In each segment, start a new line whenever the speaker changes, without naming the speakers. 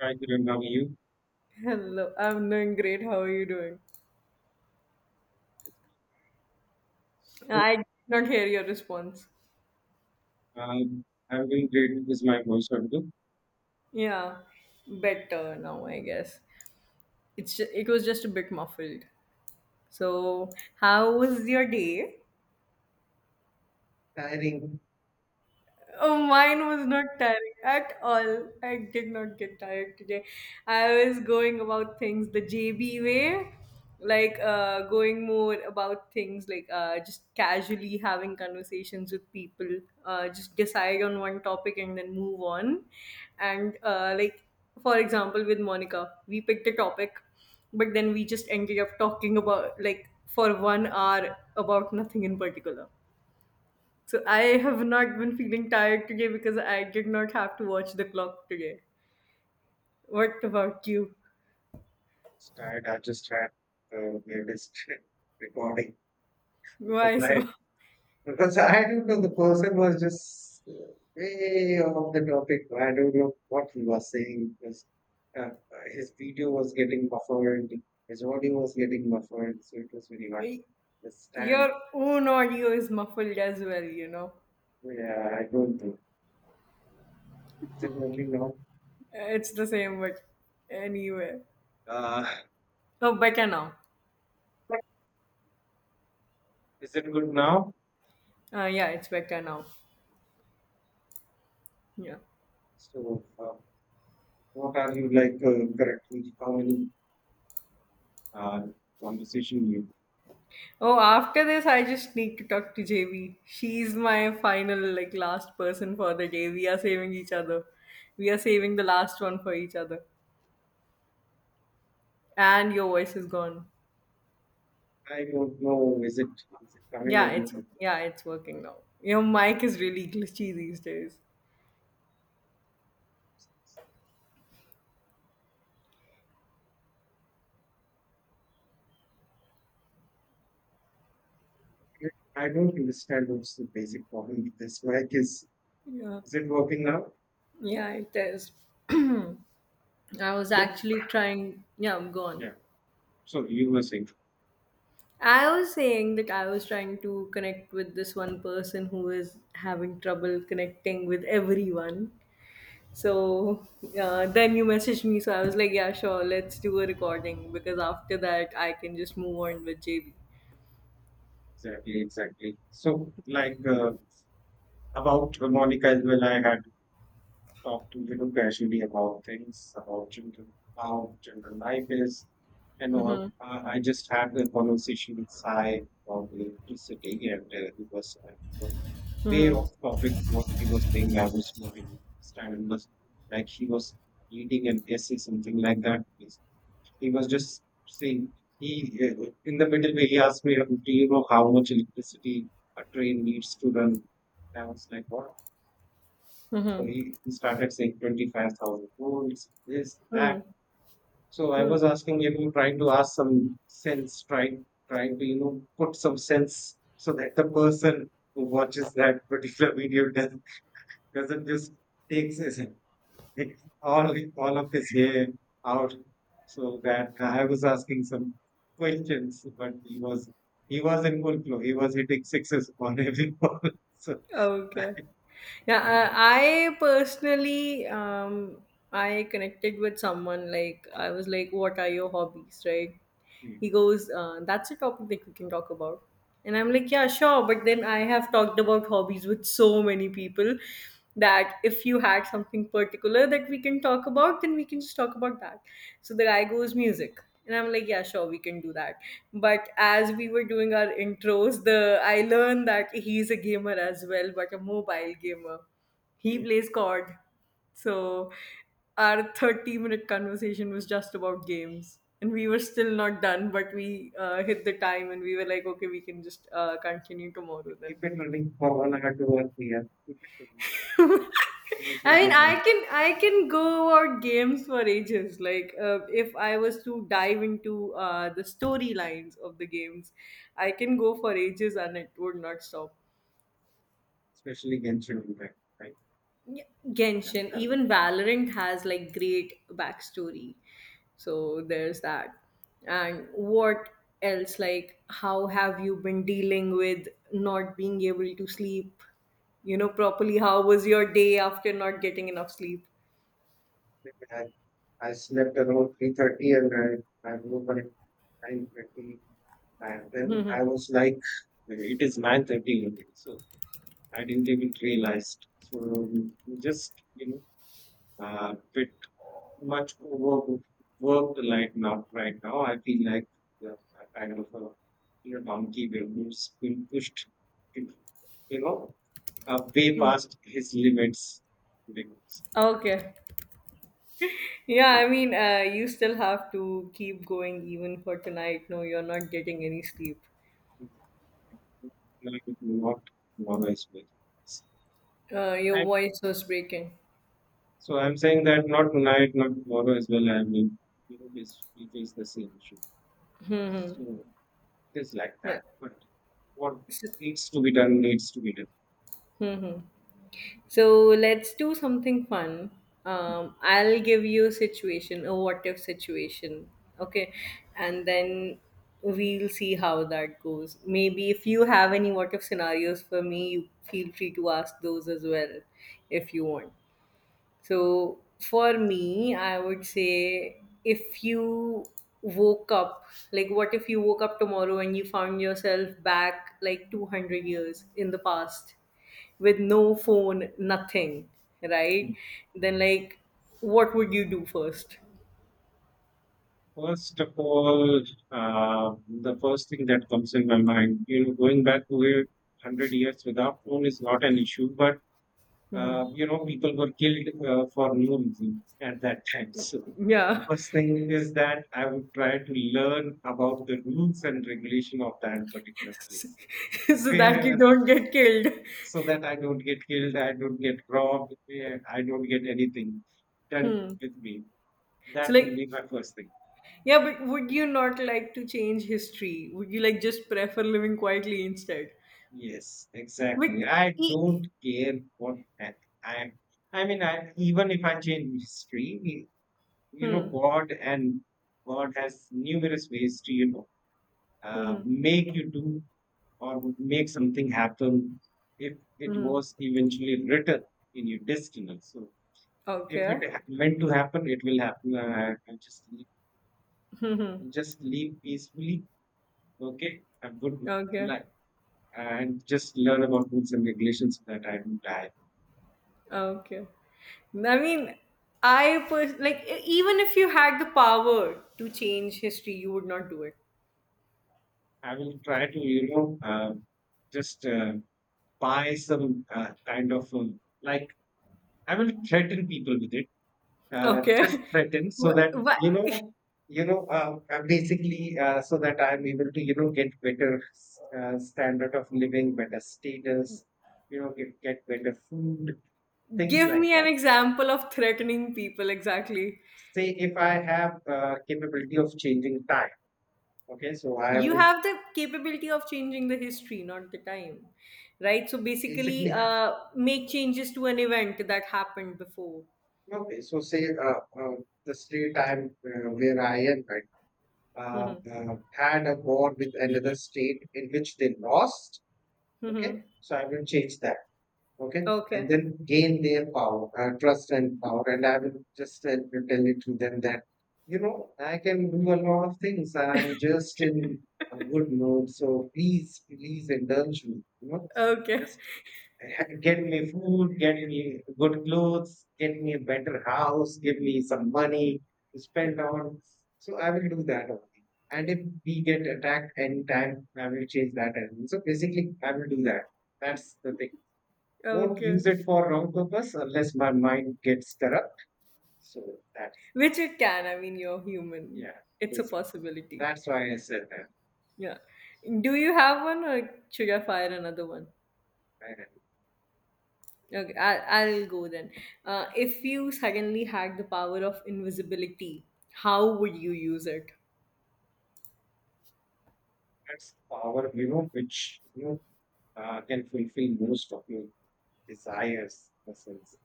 Hi, Kiran. How are you?
Hello, I'm doing great. How are you doing?
So,
I did not hear your response.
I'm doing great. Is my voice audible?
Yeah, better now, I guess. It was just a bit muffled. So, how was your day?
Tiring.
Oh, mine was not tiring at all. I did not get tired today. I was going about things the JB way, like going more about things like just casually having conversations with people, just decide on one topic and then move on. And like, for example, with Monica, we picked a topic, but then we just ended up talking about like for 1 hour about nothing in particular. So I have not been feeling tired today because I did not have to watch the clock today. What about you?
It's tired. I just had the weirdest recording because
Why so?
I Because I don't know, the person was just way off the topic. I don't know what he was saying because uh, his video was getting buffered, his audio was getting buffered, so it was very hard to
Y-
understand.
Your own audio is muffled as well.
Yeah, I don't know. Is it moving on?
It's the same, but anyway.
uh,
Oh, better now.
is it good now?
Yeah, it's better now. Yeah.
So, what are you like currently? How many uh, conversation you?
Oh, after this, I just need to talk to JV. She's my final, like, last person for the day. We are saving each other. We are saving the last one for each other. And your voice is gone.
I don't know. Is it coming
Yeah,
or
it's
not?
yeah, it's working now. Your mic is really glitchy these days.
I don't understand what's the basic problem with this mic. Is
Yeah.
is it working now?
Yeah, it is. I was
So,
actually trying yeah, I'm gone.
yeah. So you were saying
I was saying that I was trying to connect with this one person who is having trouble connecting with everyone. So then you messaged me, so I was like, yeah, sure, let's do a recording because after that I can just move on with JB.
exactly, exactly. So like about Monica as well. I had talk to, casually about things, about children, how children life is, and all. I just had a conversation with Sai about electricity, and he was way off topic. What he was saying, I was not able to understand. It was like he was reading an essay, something like that. He was just saying, he in the middle way he asked me, "Do you know how much electricity a train needs to run?" I was like, "What?" So he started saying 25,000 volts, this,
Hmm.
that. So I
Hmm.
was asking him, trying to ask some sense, trying to, put some sense so that the person who watches that particular video doesn't just takes his, all of his hair out. So that I was asking some questions, but he was in full flow. He was hitting sixes on every ball. So,
Okay. Yeah,
and
I personally, I connected with someone like I was like, "What are your hobbies?" Right?
he,
He goes, "That's a topic that we can talk about," and I'm like, "Yeah, sure." But then I have talked about hobbies with so many people, that if you had something particular that we can talk about, then we can just talk about that. So the guy goes, music. And I'm like, yeah, sure, we can do that. But as we were doing our intros, the I learned that he's a gamer as well, but a mobile gamer. He plays COD. So our 30-minute conversation was just about games. And we were still not done, but we hit the time and we were like, okay, we can just continue tomorrow then.
keep it running for 1 hour, 2 or 3 hours. Keep it running. No
I
issues
mean,
with that,
I can go about games for ages. Like, if I was to dive into the storylines of the games, I can go for ages and it would not stop.
especially Genshin Impact, right? Right.
Yeah,
And
Genshin,
balance.
even Valorant has like great backstory. So there's that. And what else? Like, how have you been dealing with not being able to sleep? You know, properly. How was your day after not getting enough sleep?
I, I slept around 3:30 and I woke up at 9:30, and then I was like, it is 9:30 already, so I didn't even realize. So just bit much over worked right now. Right now, I feel like the that kind of a donkey who's been pushed, you know, way
Hmm.
past his limits because,
Okay. Yeah,
you
I mean, you still have to keep going even for tonight. No, you're not getting any sleep.
know, like, not tomorrow as well.
Your
And
voice was breaking.
so I'm saying that not tonight, not tomorrow as well. I mean, this we face the same issue. So it is like
Yeah.
that. But what
So,
needs to be done needs to be done.
hmm so let's do something fun. I'll give you a situation, a what if situation. Okay. And then we'll see how that goes. Maybe if you have any what if scenarios for me, you feel free to ask those as well if you want. So for me, I would say if you woke up, like what if you woke up tomorrow and you found yourself back like 200 years in the past with no phone, nothing, right? Then, like, what would you do first?
First of all, uh, the first thing that comes in my mind, going back to it, 100 years without phone is not an issue, but people were killed for no reason at that time. So,
Yeah.
first thing is that I would try to learn about the rules and regulation of that particular place,
So that
wherever
you
I
don't
am,
get killed.
so that I don't get killed, I don't get robbed, I don't get anything done
Hmm.
with me.
So
That will
like,
be my first thing.
yeah, but would you not like to change history? Would you like just prefer living quietly instead?
Yes,
But
exactly. I
e-
don't care what I, I mean, even if I change history, you know,
Hmm.
God and God has numerous ways to,
Mhm.
make you do or make something happen if it
Mhm.
was eventually written in your destiny. So if
Okay.
it meant to happen, it will happen. I
Mhm.
just leave peacefully. Okay, I'm good.
Okay.
Like, and just learn about rules and regulations so that I don't die.
Okay. I mean, I pers- like e- even if you had the power to change history, you would not do it.
I will try to, just buy some kind of like, I will threaten people with it. Just
Okay.
threaten
Wh-
so that,
What?
basically, so that I'm able to, get better standard of living, better status, get better food, things
Give
like
me an
that.
example of threatening people exactly.
Say if I have capability of changing time, okay, so I
You
would
have the capability of changing the history, not the time, right? So basically,
basically
make changes to an event that happened before.
Okay, so say the state I'm where I am right,
Hmm.
had a war with another state in which they lost.
Hmm.
Okay,
Hmm.
so I will change that. Okay, and
Okay.
then gain their power, trust and power, and I will just, tell it to them that, I can do a lot of things. I'm just in a good mood, so please, please indulge me. You know,
Okay.
just get me food, get me good clothes, get me a better house, give me some money to spend on. So I will do that only. And if we get attacked anytime, I will change that as well. So basically, I will do that. That's the thing. Won't
Okay.
use it for wrong purpose unless my mind gets corrupt. So that's
Which it can. I mean, you're human.
Yeah,
It's a
basically
possibility.
that's why I said that.
Yeah. Do you have one or should I fire another one?
And
Okay, I'll go then. If you suddenly had the power of invisibility, how would you use it?
that's power, which, can fulfill most of your desires, in a sense.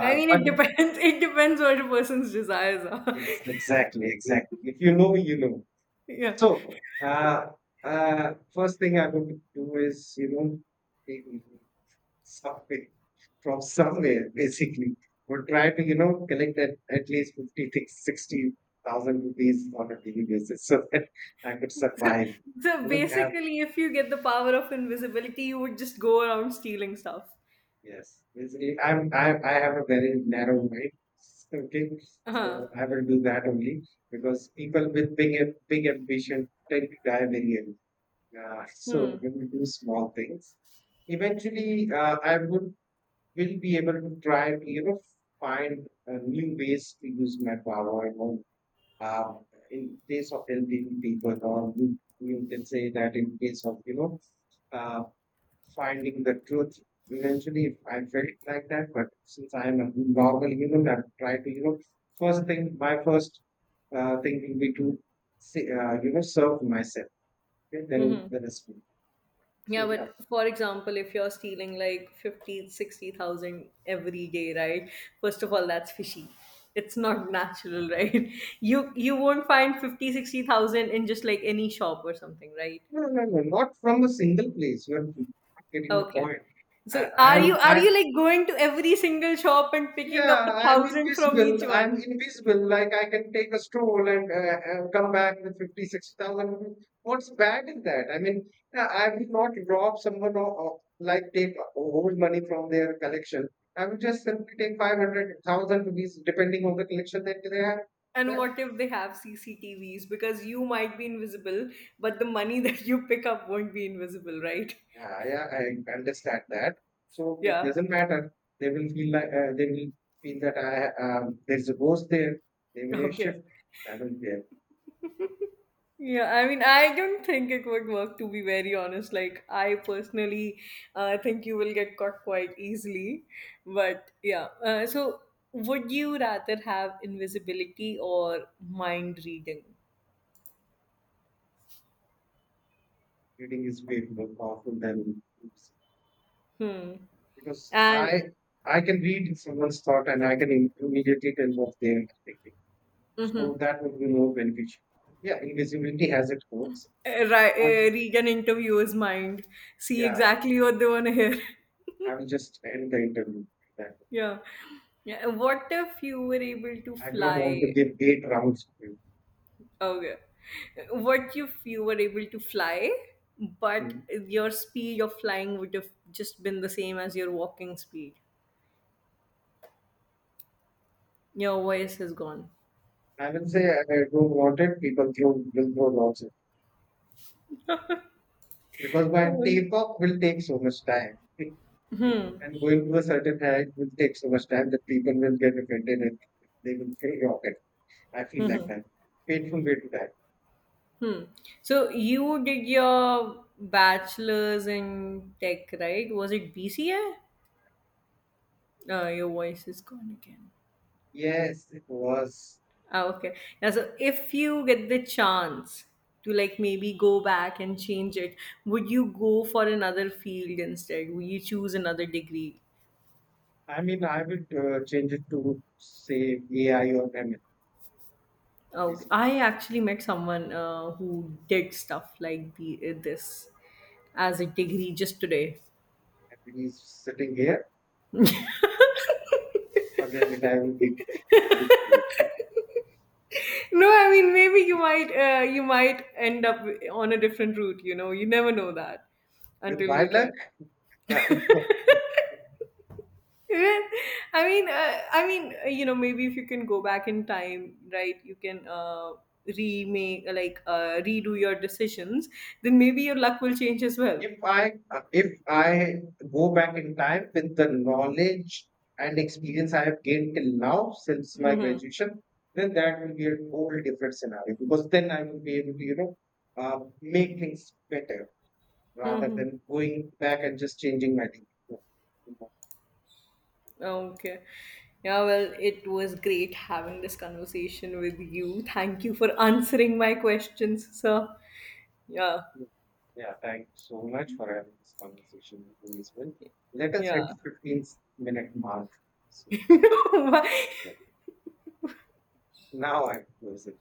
I mean,
but
it depends. It depends what a person's desires are.
yes, exactly, exactly. If you know, you know.
Yeah.
So, first thing I would do is, take something from somewhere, basically. Would try to, collect at least 50, 60,000 rupees on a daily basis so that I could survive.
So
You know, have
basically, if you get the power of invisibility, you would just go around stealing stuff.
Yes, I have a very narrow mind. Okay,
Uh-huh.
so I will do that only because people with big ambition tend to die very young. So
Hmm.
when we do small things, eventually I would will be able to try to, find new ways to use my power. Uh, in case of helping people, or you can say that in case of, Uh, finding the truth. Eventually, I felt like that, but since I am a normal human, I try to, first thing, my first thing will be to, say, serve myself. Okay? Then
Hmm.
the rest will. So,
Yeah, but
yeah,
for example, if you're stealing like 50, 60,000 every day, right? First of all, that's fishy. It's not natural, right? You won't find 50, 60,000 in just like any shop or something, right?
no, no, no, no, not from a single place. You're not getting the
Okay.
point. I,
So
I
are you
am,
are
I,
you like going to every single shop and picking up
Yeah,
a
I'm
thousand from
invisible.
each
I'm
one?
invisible. Like I can take a stroll and come back with 50, 60,000. 60,000. What's bad in that? I mean, I will not rob someone, or like take old money from their collection. I will just simply take 500,000 rupees depending on the collection that they have.
And
That,
what if they have CCTVs? Because you might be invisible, but the money that you pick up won't be invisible, right?
yeah, yeah, I understand that. So it
Yeah.
doesn't matter. They will feel that, I there's a ghost there. They may
Okay.
shift. I don't care.
Yeah, I mean, I don't think it would work to be very honest. Like, I personally think you will get caught quite easily. But yeah, so would you rather have invisibility or mind reading?
Reading is way more powerful than books
Hmm.
because I
And
I can read someone's thought and I can immediately tell what they are thinking.
mm-hmm,
So that would be more beneficial. Yeah, invisibility has its perks. And
read an interviewer's mind, see
yeah,
exactly what they want to hear.
I will just end the interview with that.
Yeah. Yeah. What if you were able to
I don't want to
fly?
give eight rounds to you.
Okay. What if you were able to fly, but
Mm.
your speed of flying would have just been the same as your walking speed? Your voice is gone.
I will say I don't want it. People throw will throw lots because by
Oh.
takeoff will take so much time. And going to a certain height will take so much time that people will get offended and they will say rocket. I feel like that. Painful way to die.
Hmm. So you did your bachelor's in tech, right? Was it BCA? Your voice is gone again.
Yes, it was.
Ah, okay. Yeah, so if you get the chance to like maybe go back and change it, would you go for another field instead? Would you choose another degree?
I mean, I would change it to say AI or ML
Oh,
basically.
I actually met someone who did stuff like this as a degree just today.
And he's sitting here. Forget it. I will keep with slave.
No, I mean maybe you might end up on a different route. You know, you never know that
With
until
my
you try.
luck, I will work.
Yeah. I mean, you know, maybe if you can go back in time, right? You can remake, like, redo your decisions. Then maybe your luck will change as well.
If I go back in time with the knowledge and experience I have gained till now since my graduation, then that will be a whole different scenario because then I will be able to, make things better rather
Hmm.
than going back and just changing my thinking.
Okay. Yeah, well, it was great having this conversation with you. Thank you for answering my questions, sir. Yeah,
Yeah, yeah, thank you so much for having this conversation with me as well. Let us
yeah.
hit 15-minute mark. So, like, now I close it.